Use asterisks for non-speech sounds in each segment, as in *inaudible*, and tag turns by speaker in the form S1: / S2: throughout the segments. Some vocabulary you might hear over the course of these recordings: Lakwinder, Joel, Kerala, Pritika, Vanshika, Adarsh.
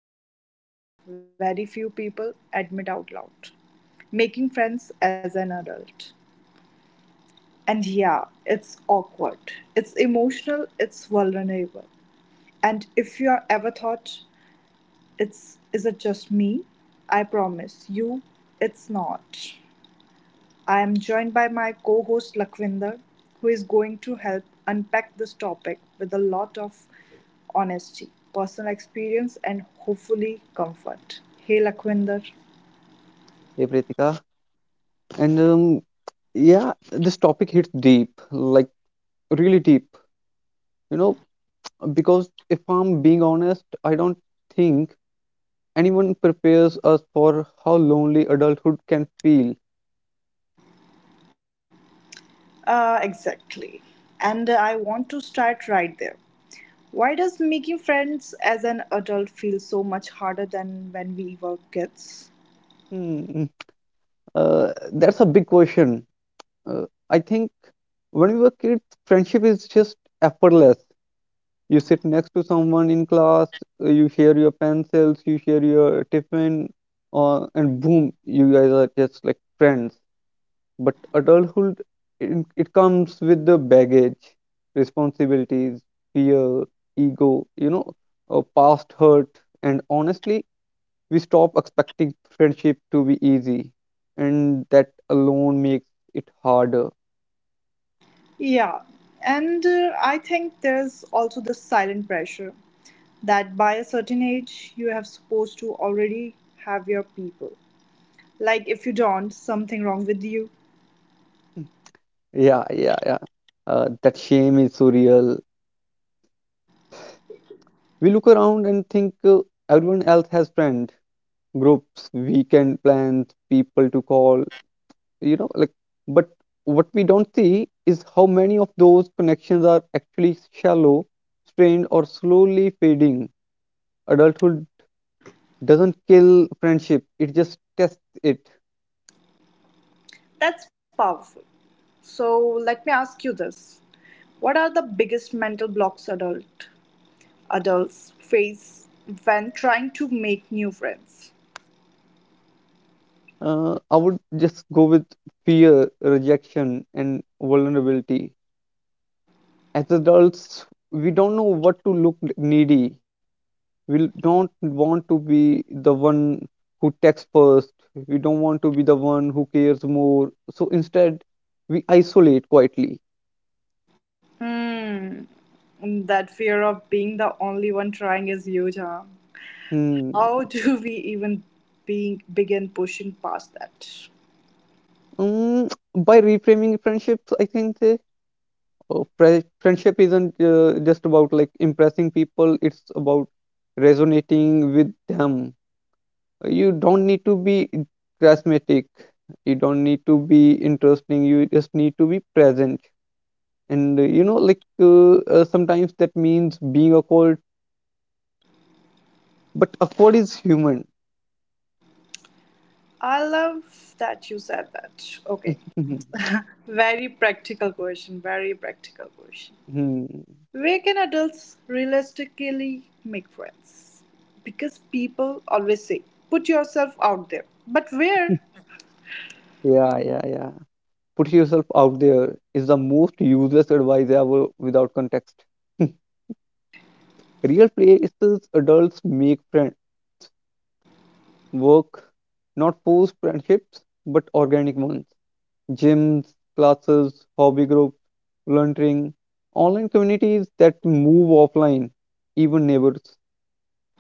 S1: feels, but very few people admit out loud, making friends as an adult. And yeah, it's awkward, it's emotional, it's vulnerable. And if you are ever thought, it's is it just me? I promise you, it's not. I am joined by my co host Lakwinder, who is going to help unpack this topic with a lot of honesty, personal experience, and hopefully comfort. Hey Lakwinder.
S2: Hey Pritika, and yeah, this topic hits deep, like really deep. You know, because if I'm being honest, I don't think anyone prepares us for how lonely adulthood can feel.
S1: Exactly. And I want to start right there. Why does making friends as an adult feel so much harder than when we were kids?
S2: Hmm. That's a big question. I think when we were kids, friendship is just effortless. You sit next to someone in class, you share your pencils, you share your tiffin, and boom, you guys are just like friends. But adulthood, it comes with the baggage, responsibilities, fear, ego, you know, past hurt. And honestly, we stop expecting friendship to be easy. And that alone makes it harder.
S1: Yeah, and I think there's also the silent pressure that by a certain age you have supposed to already have your people. Like if you don't, something wrong with you.
S2: Yeah, yeah, yeah. That shame is so real. We look around and think everyone else has friends, groups, weekend plans, people to call, you know like but what we don't see is how many of those connections are actually shallow, strained, or slowly fading. Adulthood doesn't kill friendship, it just tests it.
S1: That's powerful. So let me ask you this. What are the biggest mental blocks adults face when trying to make new friends?
S2: I would just go with fear, rejection, and vulnerability. As adults, we don't know what to look needy. We don't want to be the one who texts first. We don't want to be the one who cares more. So instead, we isolate quietly.
S1: Hmm. That fear of being the only one trying is huge, huh?
S2: Hmm.
S1: How do we even being begin pushing past that?
S2: Mm, by reframing friendships, I think friendship isn't just about like impressing people. It's about resonating with them. You don't need to be charismatic. You don't need to be interesting. You just need to be present, and sometimes that means being awkward, but awkward is human.
S1: I love that you said that. Okay.
S2: *laughs*
S1: Very practical question, very practical question.
S2: Hmm.
S1: Where can adults realistically make friends? Because people always say, put yourself out there. But where?
S2: Yeah, yeah, yeah. Put yourself out there is the most useless advice ever without context. *laughs* Real places adults make friends: work, not forced friendships but organic ones; gyms, classes, hobby groups, volunteering, online communities that move offline, even neighbors.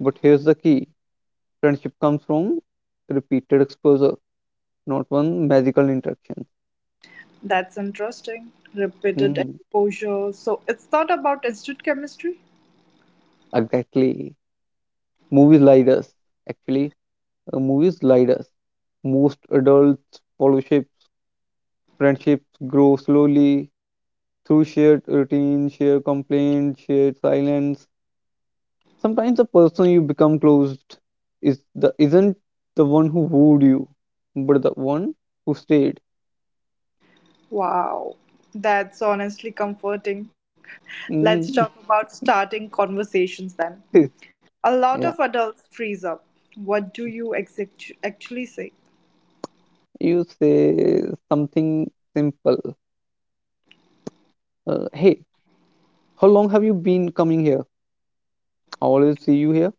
S2: But here's the key: friendship comes from repeated exposure, not one magical interaction.
S1: That's interesting. Repeated
S2: Mm,
S1: exposure. So it's not about instant chemistry?
S2: exactly. Movies lied us. Actually, movies lied us. Most adults, fellowships, friendships grow slowly through shared routine, shared complaint, shared silence. Sometimes the person you become closed is the isn't the one who wooed you, but the one who stayed.
S1: Wow. That's honestly comforting. Let's talk
S2: Mm.
S1: about starting conversations then.
S2: *laughs*
S1: A lot
S2: Yeah,
S1: of adults freeze up. What do you actually say?
S2: you say something simple. Hey, how long have you been coming here? I always see you here.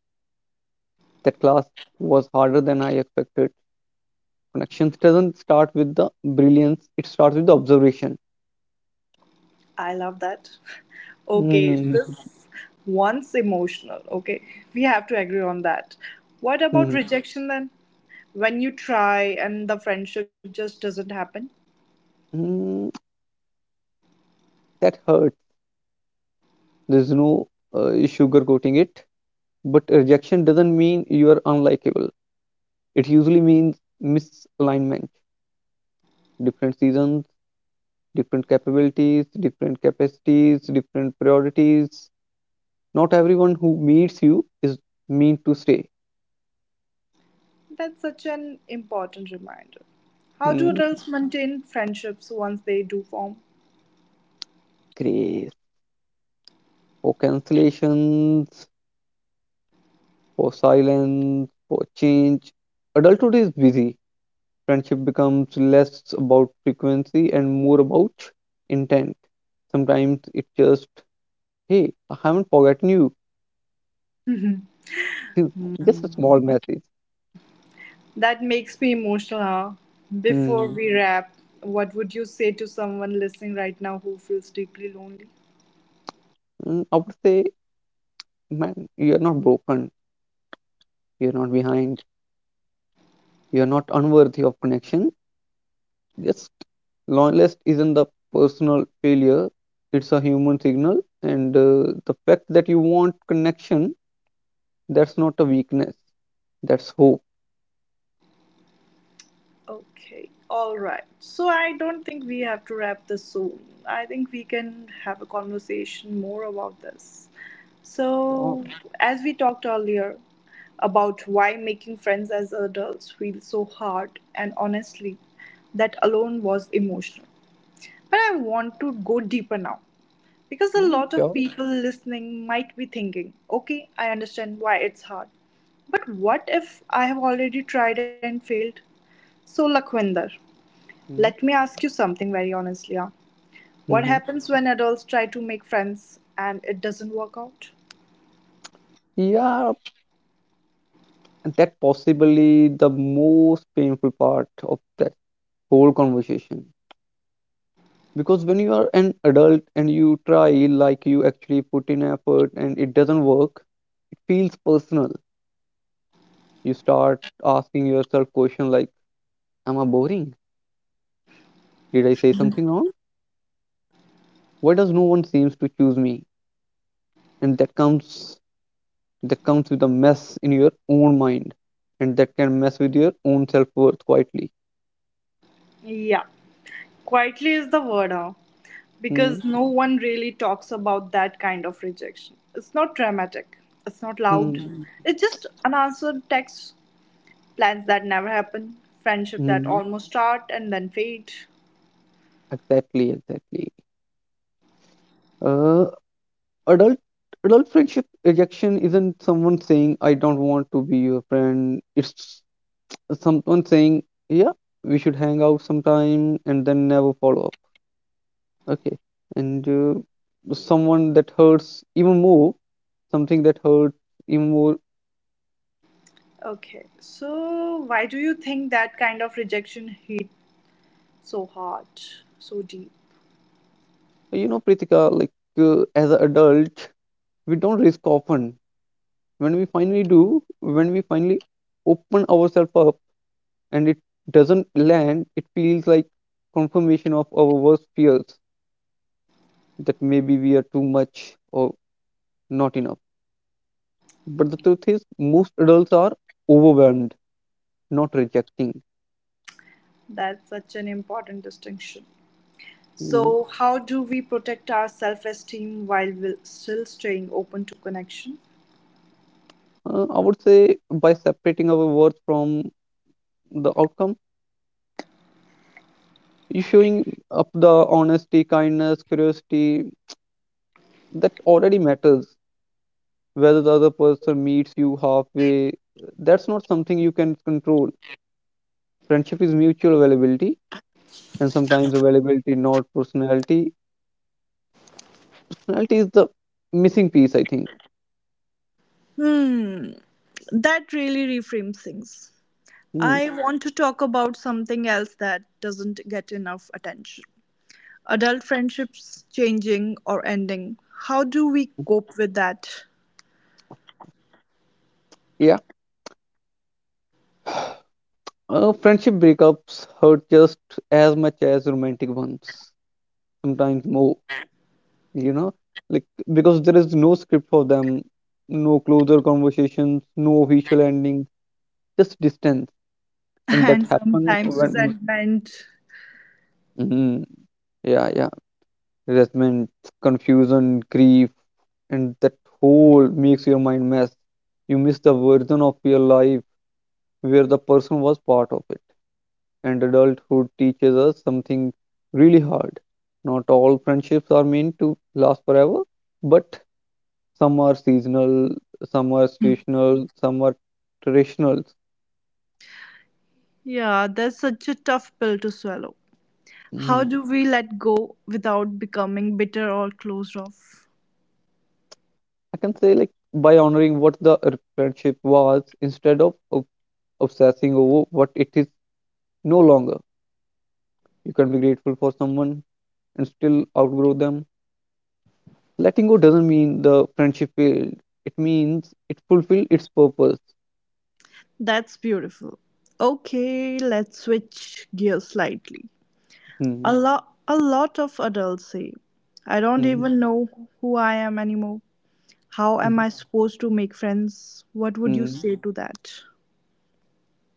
S2: That class was harder than I expected. Connections doesn't start with the brilliance, it starts with the observation.
S1: I love that. *laughs* Okay,
S2: Mm,
S1: this one's emotional. Okay, we have to agree on that. What about
S2: mm,
S1: rejection then? When you try and the friendship just doesn't happen?
S2: mm, that hurts. There's no sugarcoating it. But rejection doesn't mean you are unlikable, it usually means misalignment. Different seasons, different capabilities, different capacities, different priorities. Not everyone who meets you is mean to stay.
S1: That's such an important reminder. How do
S2: Mm.
S1: adults maintain friendships once they do form?
S2: Grace for cancellations, for silence, for change. Adulthood is busy. Friendship becomes less about frequency and more about intent. Sometimes it's just, hey, I haven't forgotten you.
S1: Mhm.
S2: It's just a small message.
S1: That makes me emotional. Huh? Before we
S2: Mm.
S1: wrap, what would you say to someone listening right now who feels deeply lonely?
S2: Mm, I would say, man, you're not broken. You're not behind. You're not unworthy of connection. Just loneliness isn't the personal failure; it's a human signal. And the fact that you want connection, that's not a weakness. That's hope.
S1: Okay, all right. So I don't think we have to wrap this soon. I think we can have a conversation more about this.
S2: Sure.
S1: So, as we talked earlier about why making friends as adults feels so hard, and honestly, that alone was emotional. But I want to go deeper now because a
S2: Mm,
S1: lot of
S2: sure.
S1: people listening might be thinking, okay, I understand why it's hard. But what if I have already tried and failed? So, Lakhwinder. Let
S2: Mm,
S1: me ask you something very honestly. Huh? What
S2: mhm.
S1: happens when adults try to make friends and it doesn't work out?
S2: Yeah, and that possibly the most painful part of that whole conversation. Because when you are an adult and you try, like you actually put in effort and it doesn't work, it feels personal. You start asking yourself question like, "Am I boring? Did I say something wrong? Why does no one seems to choose me?" And that comes with a mess in your own mind, and that can mess with your own self worth quietly.
S1: Yeah, quietly is the word, huh?
S2: Hmm,
S1: Because no one really talks about that kind of rejection. It's not dramatic, it's not loud,
S2: hmm,
S1: it's just unanswered texts, plans that never happen, friendship that
S2: hmm.
S1: almost start and then fade.
S2: Exactly, exactly. Uh, adult adult friendship rejection isn't someone saying I don't want to be your friend. It's someone saying, yeah, we should hang out sometime, and then never follow up. Okay. And someone that hurts even more, something that hurts even more.
S1: Okay, so why do you think that kind of rejection hit so hard, so deep?
S2: You know, Pritika, like as an adult, we don't risk often. When we finally do, when we finally open ourselves up and it doesn't land, it feels like confirmation of our worst fears, that maybe we are too much or not enough. But the truth is, most adults are overwhelmed, not rejecting.
S1: That's such an important distinction.
S2: Mm.
S1: So, how do we protect our self esteem while still staying open to connection?
S2: I would say by separating our worth from the outcome. You showing up the honesty, kindness, curiosity, that already matters. Whether the other person meets you halfway, that's not something you can control. Friendship is mutual availability, and sometimes availability, not personality. Personality is the missing piece, I think.
S1: Hmm, that really reframes things.
S2: Hmm.
S1: I want to talk about something else that doesn't get enough attention. Adult friendships changing or ending. How do we cope with that?
S2: Yeah. Friendship breakups hurt just as much as romantic ones, sometimes more, you know, like, because there is no script for them, no closer conversations, no official ending, just distance.
S1: *laughs*
S2: And that
S1: And
S2: happen
S1: sometimes
S2: when
S1: resentment.
S2: Mhm. yeah, yeah, resentment, confusion, grief, and that whole makes your mind mess. You miss the version of your life where the person was part of it. And adulthood teaches us something really hard: not all friendships are meant to last forever. But some are seasonal, some are situational, some are traditional.
S1: Yeah, that's such a tough pill to swallow. How
S2: Mm,
S1: do we let go without becoming bitter or closed off?
S2: I can say like by honoring what the friendship was instead of obsessing over what it is no longer. You can be grateful for someone and still outgrow them. Letting go doesn't mean the friendship failed. It means it fulfilled its purpose.
S1: That's beautiful. Okay, let's switch gears slightly.
S2: Hmm,
S1: A lot of adults say, I don't
S2: hmm,
S1: even know who I am anymore. How am
S2: hmm,
S1: I supposed to make friends? What would you
S2: hmm.
S1: say to that?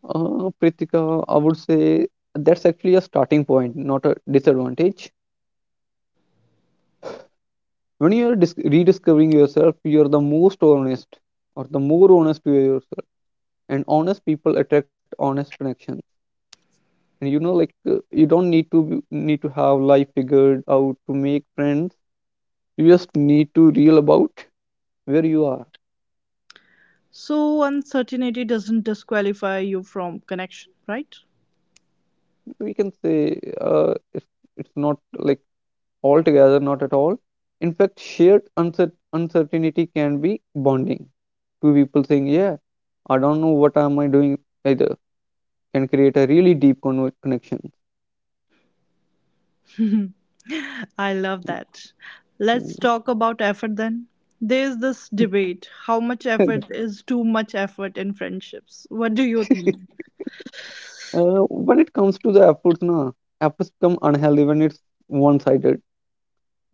S2: Pritika, I would say that's actually a starting point, not a disadvantage. When you are rediscovering yourself, you are the most honest, or the more honest to yourself. And honest people attract honest connections. And you don't need to have life figured out to make friends. You just need to real about where you are.
S1: So uncertainty doesn't disqualify you from connection, right?
S2: We can say it's not like altogether, not at all. In fact, shared uncertainty can be bonding. Two people saying yeah, I don't know what am I doing either, can create a really deep connection.
S1: *laughs* I love that. Let's
S2: *laughs*
S1: talk about effort then. There's this debate how much
S2: uh,
S1: effort is too much effort in friendships. What do you think?
S2: when it comes to the efforts, na, efforts become unhealthy when it's one-sided.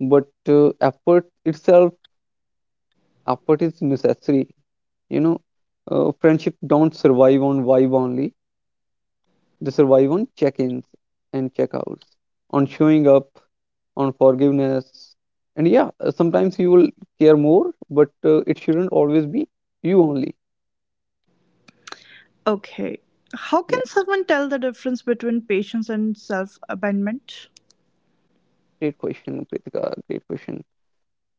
S2: But effort is necessary. You know, friendship don't survive on vibe only. They survive on check-ins and check-outs, on showing up, on forgiveness. And yeah, sometimes you will care more, but it shouldn't always be you only.
S1: Okay. How can
S2: Yeah,
S1: someone tell the difference between patience and self abandonment?
S2: great question, Pritika. Great question.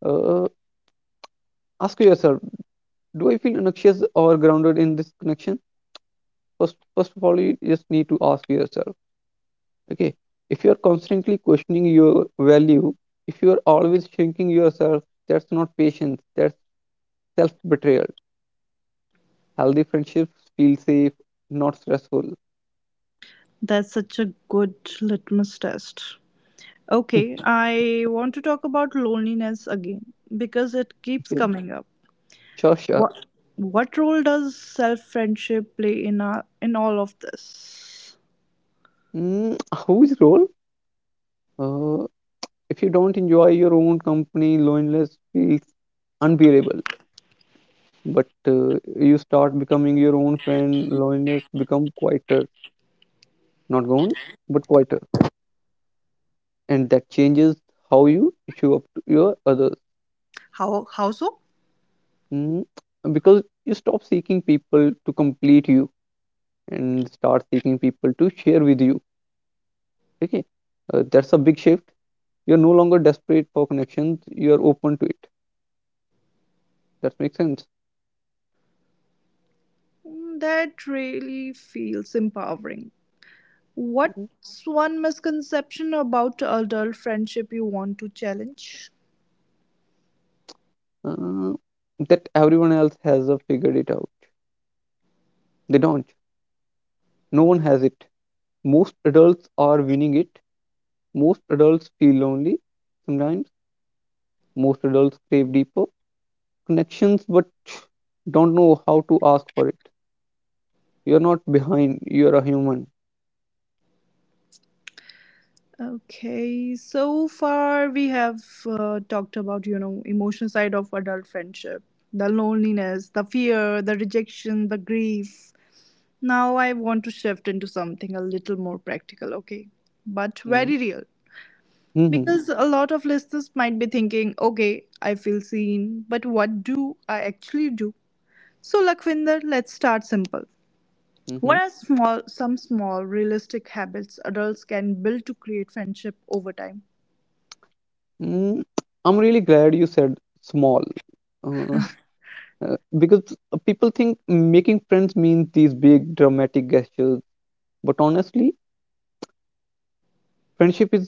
S2: Uh, Ask yourself, do I feel anxious or grounded in this connection? First of all you just need to ask yourself, okay, if you're constantly questioning your value, if you're always shrinking yourself, that's not patience, that's self betrayal. Healthy friendships feel safe, not stressful.
S1: That's such a good litmus test.
S2: *laughs*
S1: Okay, I want to talk about loneliness again because it keeps coming up.
S2: Sure, sure.
S1: What what role does self friendship play in our, in all of this?
S2: Mm, whose role. uh, if you don't enjoy your own company, loneliness feels unbearable. But you start becoming your own friend, loneliness become quieter. Not gone, but quieter. And that changes how you show up to your others.
S1: How so?
S2: Mm, because you stop seeking people to complete you and start seeking people to share with you. Okay. That's a big shift. You're no longer desperate for connections, you're open to it. That makes sense.
S1: Mm, that really feels empowering.
S2: Mhm.
S1: What's one misconception about adult friendship you want to challenge?
S2: uh, that everyone else has figured it out. They don't. No one has it. Most adults are winning it. Most adults feel lonely. Sometimes most adults crave deeper connections but don't know how to ask for it. You're not behind, you're a human.
S1: Okay, so far we have talked about, you know, emotional side of adult friendship, the loneliness, the fear, the rejection, the grief. Now I want to shift into something a little more practical, okay? But
S2: Mm.
S1: very real.
S2: Mhm.
S1: Because a lot of listeners might be thinking, okay, I feel seen, but what do I actually do? So, Lakwinder, let's start simple. What
S2: Mhm.
S1: are small some small realistic habits adults can build to create friendship over time?
S2: Mm. I'm really glad you said small. Uh, *laughs* because people think making friends means these big dramatic gestures, but honestly, friendship is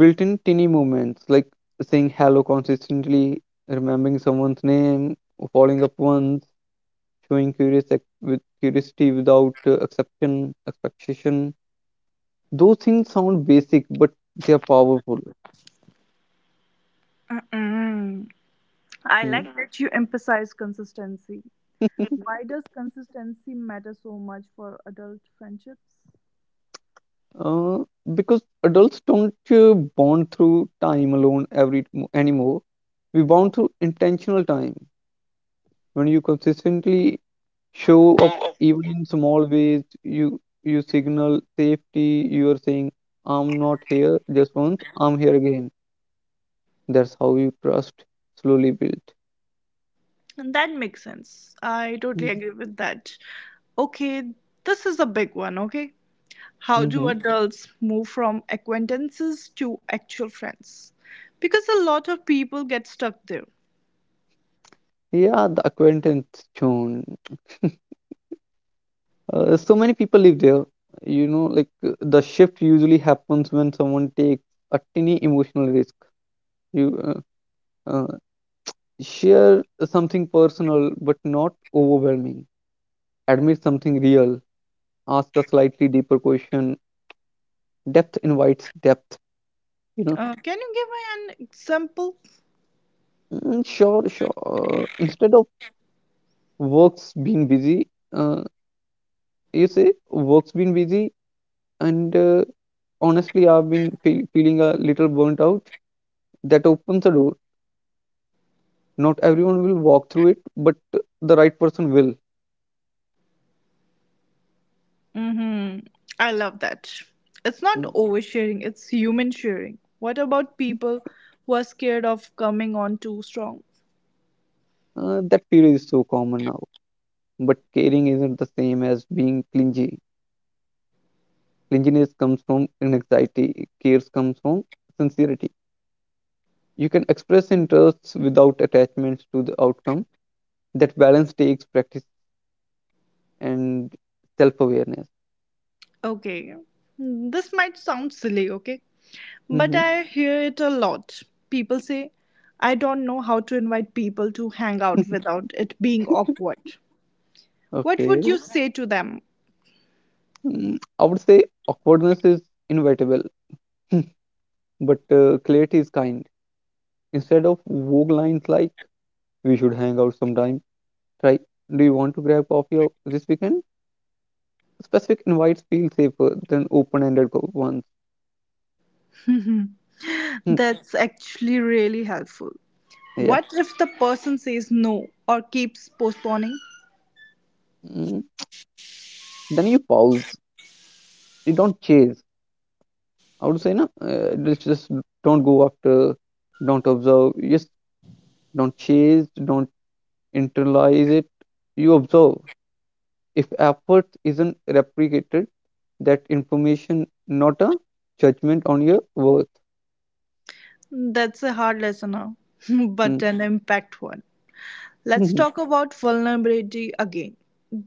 S2: built in tiny moments like saying hello consistently, remembering someone's name, or following up once, showing with curiosity without expectation. Those things sound basic, but they are powerful. Mm.
S1: That you emphasize consistency.
S2: *laughs*
S1: Why does consistency matter so much for adult friendships?
S2: Uh, because adults don't bond through time alone every mo- anymore. We bond through intentional time. When you consistently show up, even in small ways, you signal safety. You are saying, "I'm not here just once. I'm here again." That's how you trust slowly built.
S1: And that makes sense. I totally
S2: Hmm.
S1: agree with that. Okay, this is a big one, okay? How do
S2: Mm-hmm.
S1: adults move from acquaintances to actual friends? Because a lot of people get stuck there.
S2: Yeah, the acquaintance zone. So many people live there. You know, like the shift usually happens when someone takes a tiny emotional risk. You uh, uh, share something personal but not overwhelming. Admit something real. Ask a slightly deeper question. Depth invites depth. You know.
S1: Can you give me an example?
S2: Mm, sure, sure. Instead of works being busy, uh, you say works being busy and honestly, I've been feeling a little burnt out. That opens a door. Not everyone will walk through it, but the right person will.
S1: Mm-hmm. I love that. It's not
S2: Mm.
S1: oversharing, it's human sharing. What about people who are scared of coming on too strong?
S2: That fear is so common now. But caring isn't the same as being clingy. Clinginess comes from anxiety, cares comes from sincerity. You can express interests without attachments to the outcome. That balance takes practice and self awareness.
S1: Okay, this might sound silly, okay? But
S2: Mhm.
S1: I hear it a lot. People say, I don't know how to invite people to hang out
S2: *laughs*
S1: without it being awkward. What would
S2: Okay.
S1: you say to them?
S2: Mm, I would say awkwardness is inevitable. *laughs* But clarity is kind. Instead of vague lines like "we should hang out sometime," try "do you want to grab coffee this weekend?" Specific invites feel safer than open-ended ones.
S1: *laughs*
S2: Hmm,
S1: That's actually really helpful.
S2: yeah.
S1: What if the person says no or keeps postponing?
S2: Mm. Then you pause. You don't chase. I would say no. Just don't go after. Don't observe. Just don't chase. Don't internalize it. You observe. If effort isn't replicated, that information not a judgment on your worth.
S1: That's a hard lesson, huh? *laughs*
S2: Mm,
S1: but an impact one. Let's
S2: mhm,
S1: talk about vulnerability again,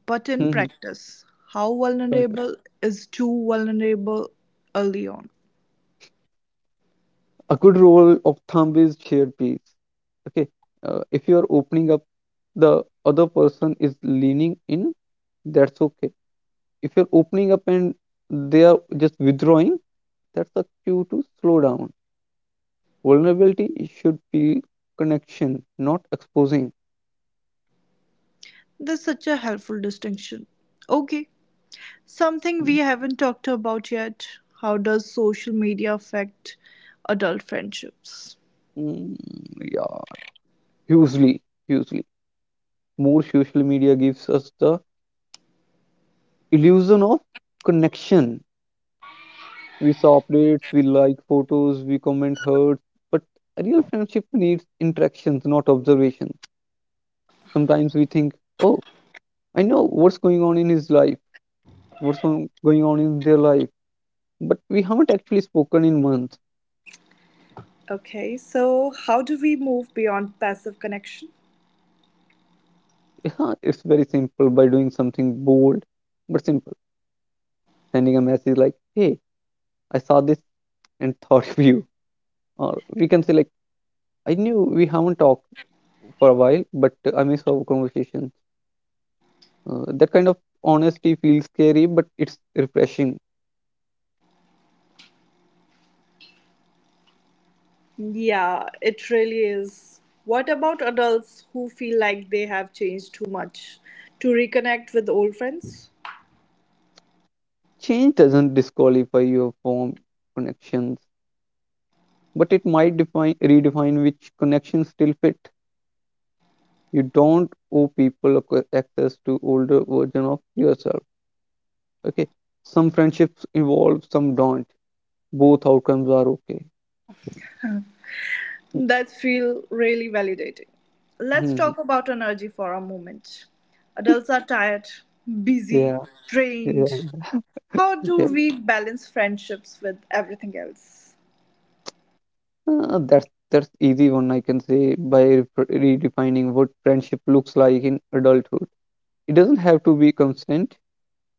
S1: but in
S2: mhm.
S1: practice. How
S2: Sure, sure.
S1: vulnerable is too vulnerable early on?
S2: A good rule of thumb is shared peace. Okay, if you are opening up, the other person is leaning in. That's okay. If you're opening up and they are just withdrawing, that's a cue to slow down. Vulnerability should be connection, not exposing.
S1: That's such a helpful distinction. Okay, something we haven't talked about yet. How does social media affect adult friendships?
S2: Mm, yeah, hugely, hugely. More social media gives us the illusion of connection. We saw updates, we like photos, we comment hurts, but a real friendship needs interactions, not observation. Sometimes we think, oh, I know what's going on in his life, what's on, going on in their life, but we haven't actually spoken in months.
S1: Okay, so how do we move beyond passive connection?
S2: Yeah, it's very simple by doing something bold but simple. Sending a message like, hey, I saw this and *laughs* thought of you. Or we can say, like, I knew we haven't talked for a while, but I miss our conversation. That kind of honesty feels scary, but it's refreshing.
S1: Yeah, it really is. What about adults who feel like they have changed too much to reconnect with old friends?
S2: Change doesn't disqualify your form connections, but it might define redefine which connections still fit. You don't owe people access to older version of yourself. Okay, some friendships evolve, some don't. Both outcomes are okay.
S1: That feel really validating. Let's
S2: Hmm.
S1: talk about energy for a moment. Adults are tired, busy,
S2: Yeah, yeah,
S1: drained. How
S2: yeah.
S1: do we balance friendships with everything else?
S2: That's easy one I can say by redefining what friendship looks like in adulthood. It doesn't have to be constant.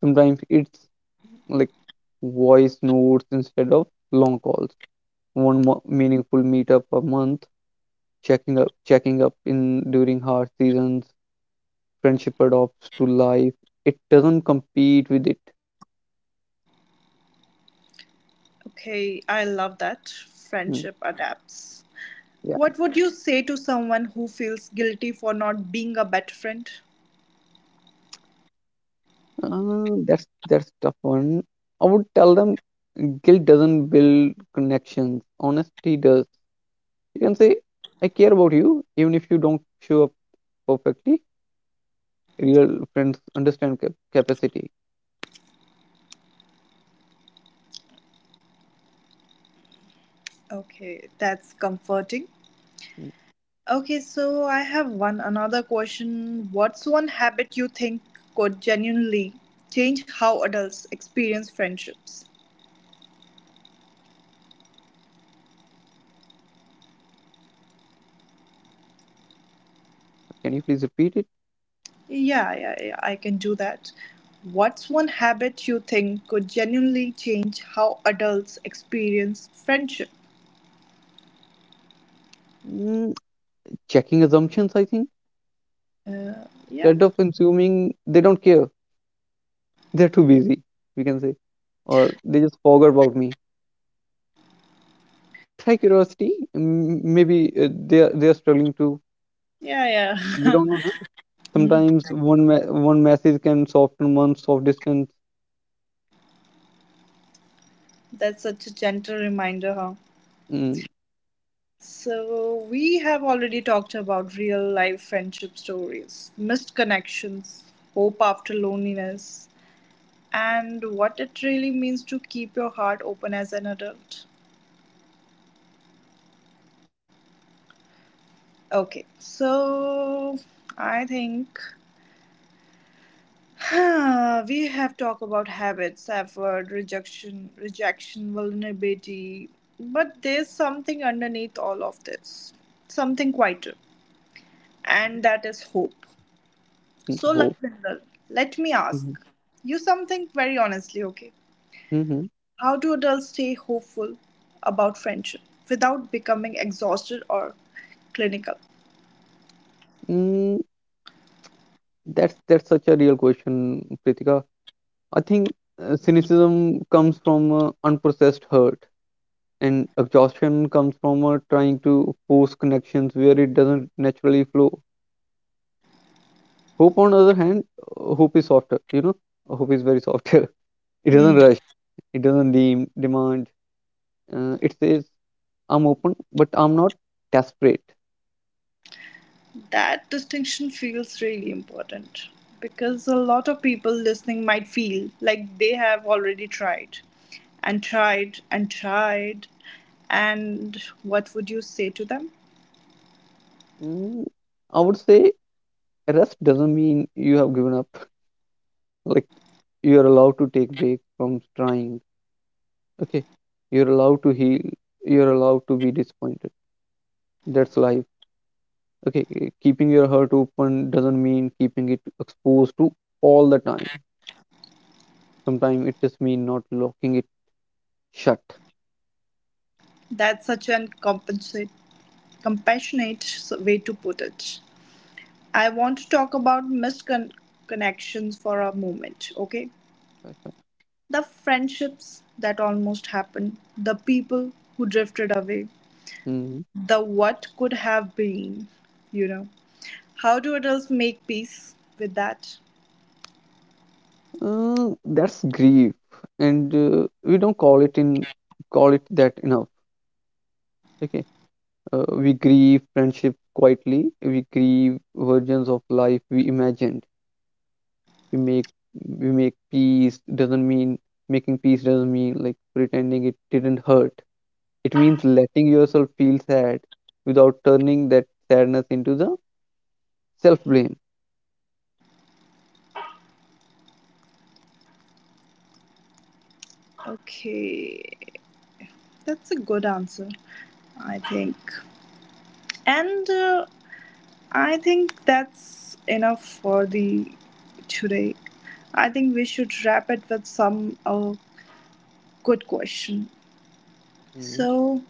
S2: Sometimes it's like voice notes instead of long calls, one meaningful meetup a month, checking up in during hard seasons. Friendship adopts to life, it doesn't compete with it.
S1: Okay, I love that.
S2: Hmm,
S1: Friendship adapts.
S2: yeah.
S1: What would you say to someone who feels guilty for not being a better friend?
S2: That's tough one. I would tell them guilt doesn't build connections, honesty does. You can say, I care about you even if you don't show up perfectly. Real friends understand capacity.
S1: Okay, that's comforting.
S2: Mm.
S1: Okay, so I have one another question. What's one habit you think could genuinely change how adults experience friendships?
S2: Can you please repeat it?
S1: Yeah, yeah, yeah, I can do that. What's one habit you think could genuinely change how adults experience friendship?
S2: Mm, checking assumptions, I think.
S1: Uh, yeah,
S2: Instead of consuming, they don't care. *laughs* They're too busy, we can say. Or they just forgot about me. Try curiosity. Maybe they're struggling too.
S1: yeah,
S2: We
S1: yeah.
S2: don't know, na?
S1: *laughs* Hmm,
S2: Sometimes one message can soften months of distance.
S1: that's such a gentle reminder, huh?
S2: Mm,
S1: So, we have already talked about real life friendship stories, missed connections, hope after loneliness, and what it really means to keep your heart open as an adult. Okay, so I think *sighs* we have talked about habits, effort, rejection, vulnerability, but there's something underneath all of this, something quieter, and that is hope.
S2: mm,
S1: So,
S2: hope.
S1: Lakwinder, let me ask
S2: Mm-hmm.
S1: you something very honestly, okay?
S2: Mm-hmm.
S1: How do adults stay hopeful about friendship without becoming exhausted or clinical?
S2: Mm, that's such a real question, Pritika. I think cynicism comes from unprocessed hurt, and exhaustion comes from trying to force connections where it doesn't naturally flow. Hope, on the other hand, hope is softer. You know, hope is very softer. *laughs* It doesn't
S1: Hmm.
S2: rush. It doesn't demand. It says, "I'm open, but I'm not desperate."
S1: That distinction feels really important because a lot of people listening might feel like they have already tried and tried. And what would you say to them?
S2: Mm, I would say rest doesn't mean you have given up. *laughs* Like, you are allowed to take break from trying. Okay, you're allowed to heal, you're allowed to be disappointed. That's life. Okay, keeping your heart open doesn't mean keeping it exposed to all the time. Sometimes it just means not locking it shut.
S1: That's such an compensate, Compassionate way to put it. I want to talk about misconnections for a moment, okay?
S2: Okay.
S1: The friendships that almost happened, the people who drifted away,
S2: Mm.
S1: the what could have been, you know. How do adults make peace with that?
S2: That's grief, and we don't call it that enough. Okay, we grieve friendship quietly, we grieve versions of life we imagined. we make we make peace doesn't mean making peace doesn't mean like pretending it didn't hurt. It means letting yourself feel sad without turning that sadness into the self blame.
S1: Okay, that's a good answer, I think. And I think that's enough for the today. I think we should wrap it with some good question.
S2: Hmm.
S1: So,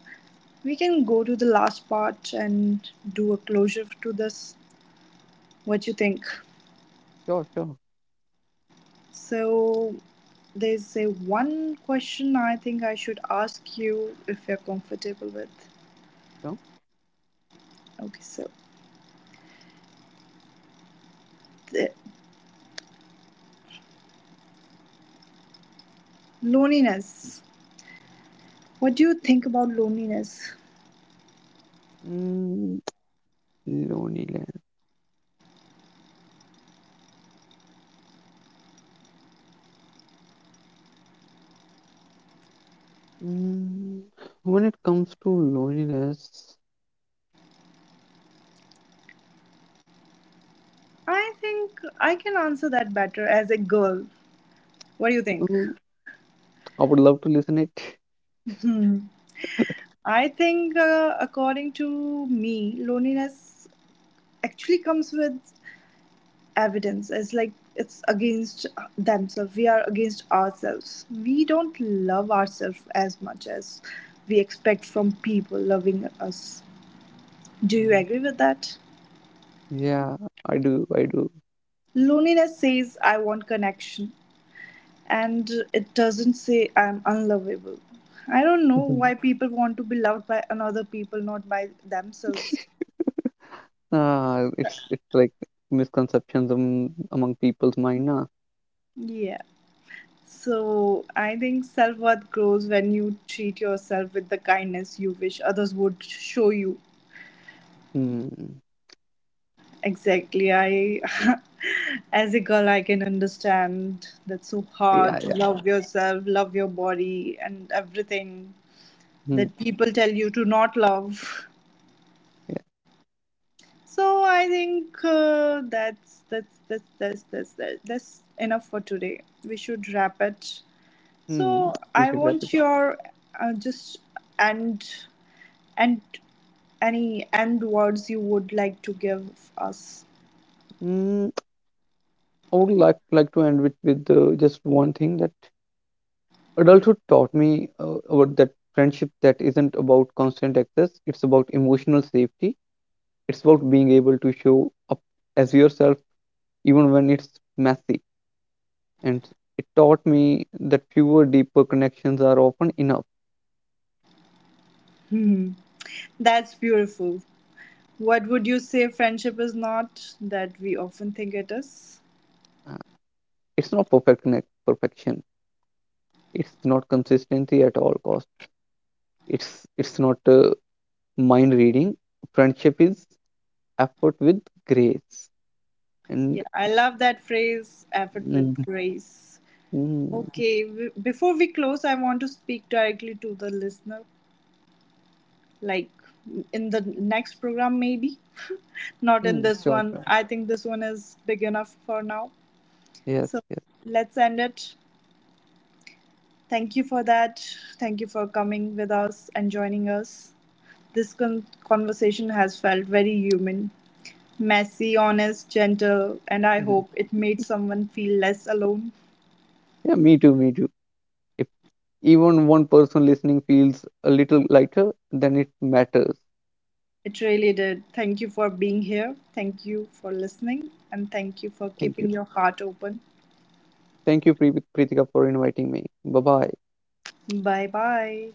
S1: we can go to the last part and do a closure to this. What you think?
S2: Sure.
S1: So there's a one question I think I should ask you if you're comfortable with.
S2: Sure.
S1: Okay, so the loneliness. What do you think about loneliness?
S2: Mm, loneliness. Mm. When it comes to loneliness,
S1: I think I can answer that better as a girl. What do you think?
S2: mm, I would love to listen it.
S1: Hmm. I think, according to me, loneliness actually comes with evidence as like it's against themselves, we are against ourselves, we don't love ourselves as much as we expect from people loving us. Do you
S2: Mhm,
S1: agree with that?
S2: yeah, I do, I do.
S1: Loneliness says I want connection, and it doesn't say I'm unlovable. I don't know
S2: Hmm.
S1: why people want to be loved by another people, not by themselves.
S2: Ah, it's like misconceptions among people's mind, na.
S1: Yeah. So I think self worth grows when you treat yourself with the kindness you wish others would show you.
S2: Hmm.
S1: Exactly. I, *laughs* as a girl, I can understand that's so
S2: Yeah,
S1: hard to
S2: yeah.
S1: love yourself, love your body, and everything
S2: Hmm.
S1: that people tell you to not love.
S2: Yeah.
S1: So I think that's enough for today. We should wrap it.
S2: Hmm.
S1: So
S2: We
S1: I
S2: should wrap it
S1: want
S2: up.
S1: your just and and any end words you would like to give us. *laughs*
S2: Mm, I would like to end with just one thing, that adulthood taught me about that friendship that isn't about constant access. It's about emotional safety. It's about being able to show up as yourself even when it's messy. And it taught me that fewer deeper connections are often enough.
S1: Hmm. That's beautiful. What would you say friendship is not that we often think it is?
S2: Uh, It's not perfection. It's not consistency at all costs. It's not mind reading. Friendship is effort with grace,
S1: Yeah,
S2: and
S1: I love that phrase, effort with
S2: mm,
S1: grace.
S2: mm,
S1: Okay, before we close, I want to speak directly to the listener, like in the next program, maybe. Not in
S2: mm,
S1: this
S2: sure,
S1: one.
S2: sure,
S1: I think this one is big enough for now.
S2: yes,
S1: So
S2: yes.
S1: let's end it. Thank you for that. Thank you for coming with us and joining us. This conversation has felt very human, messy, honest, gentle, and I
S2: Mhm,
S1: hope it made someone feel less alone.
S2: yeah, me too, me too. If even one person listening feels a little lighter, then it matters.
S1: It really did. Thank you for being here. Thank you for listening. And thank you for
S2: Thank you.
S1: keeping your heart open.
S2: Thank you, Pritika, for inviting me. Bye bye.
S1: Bye bye.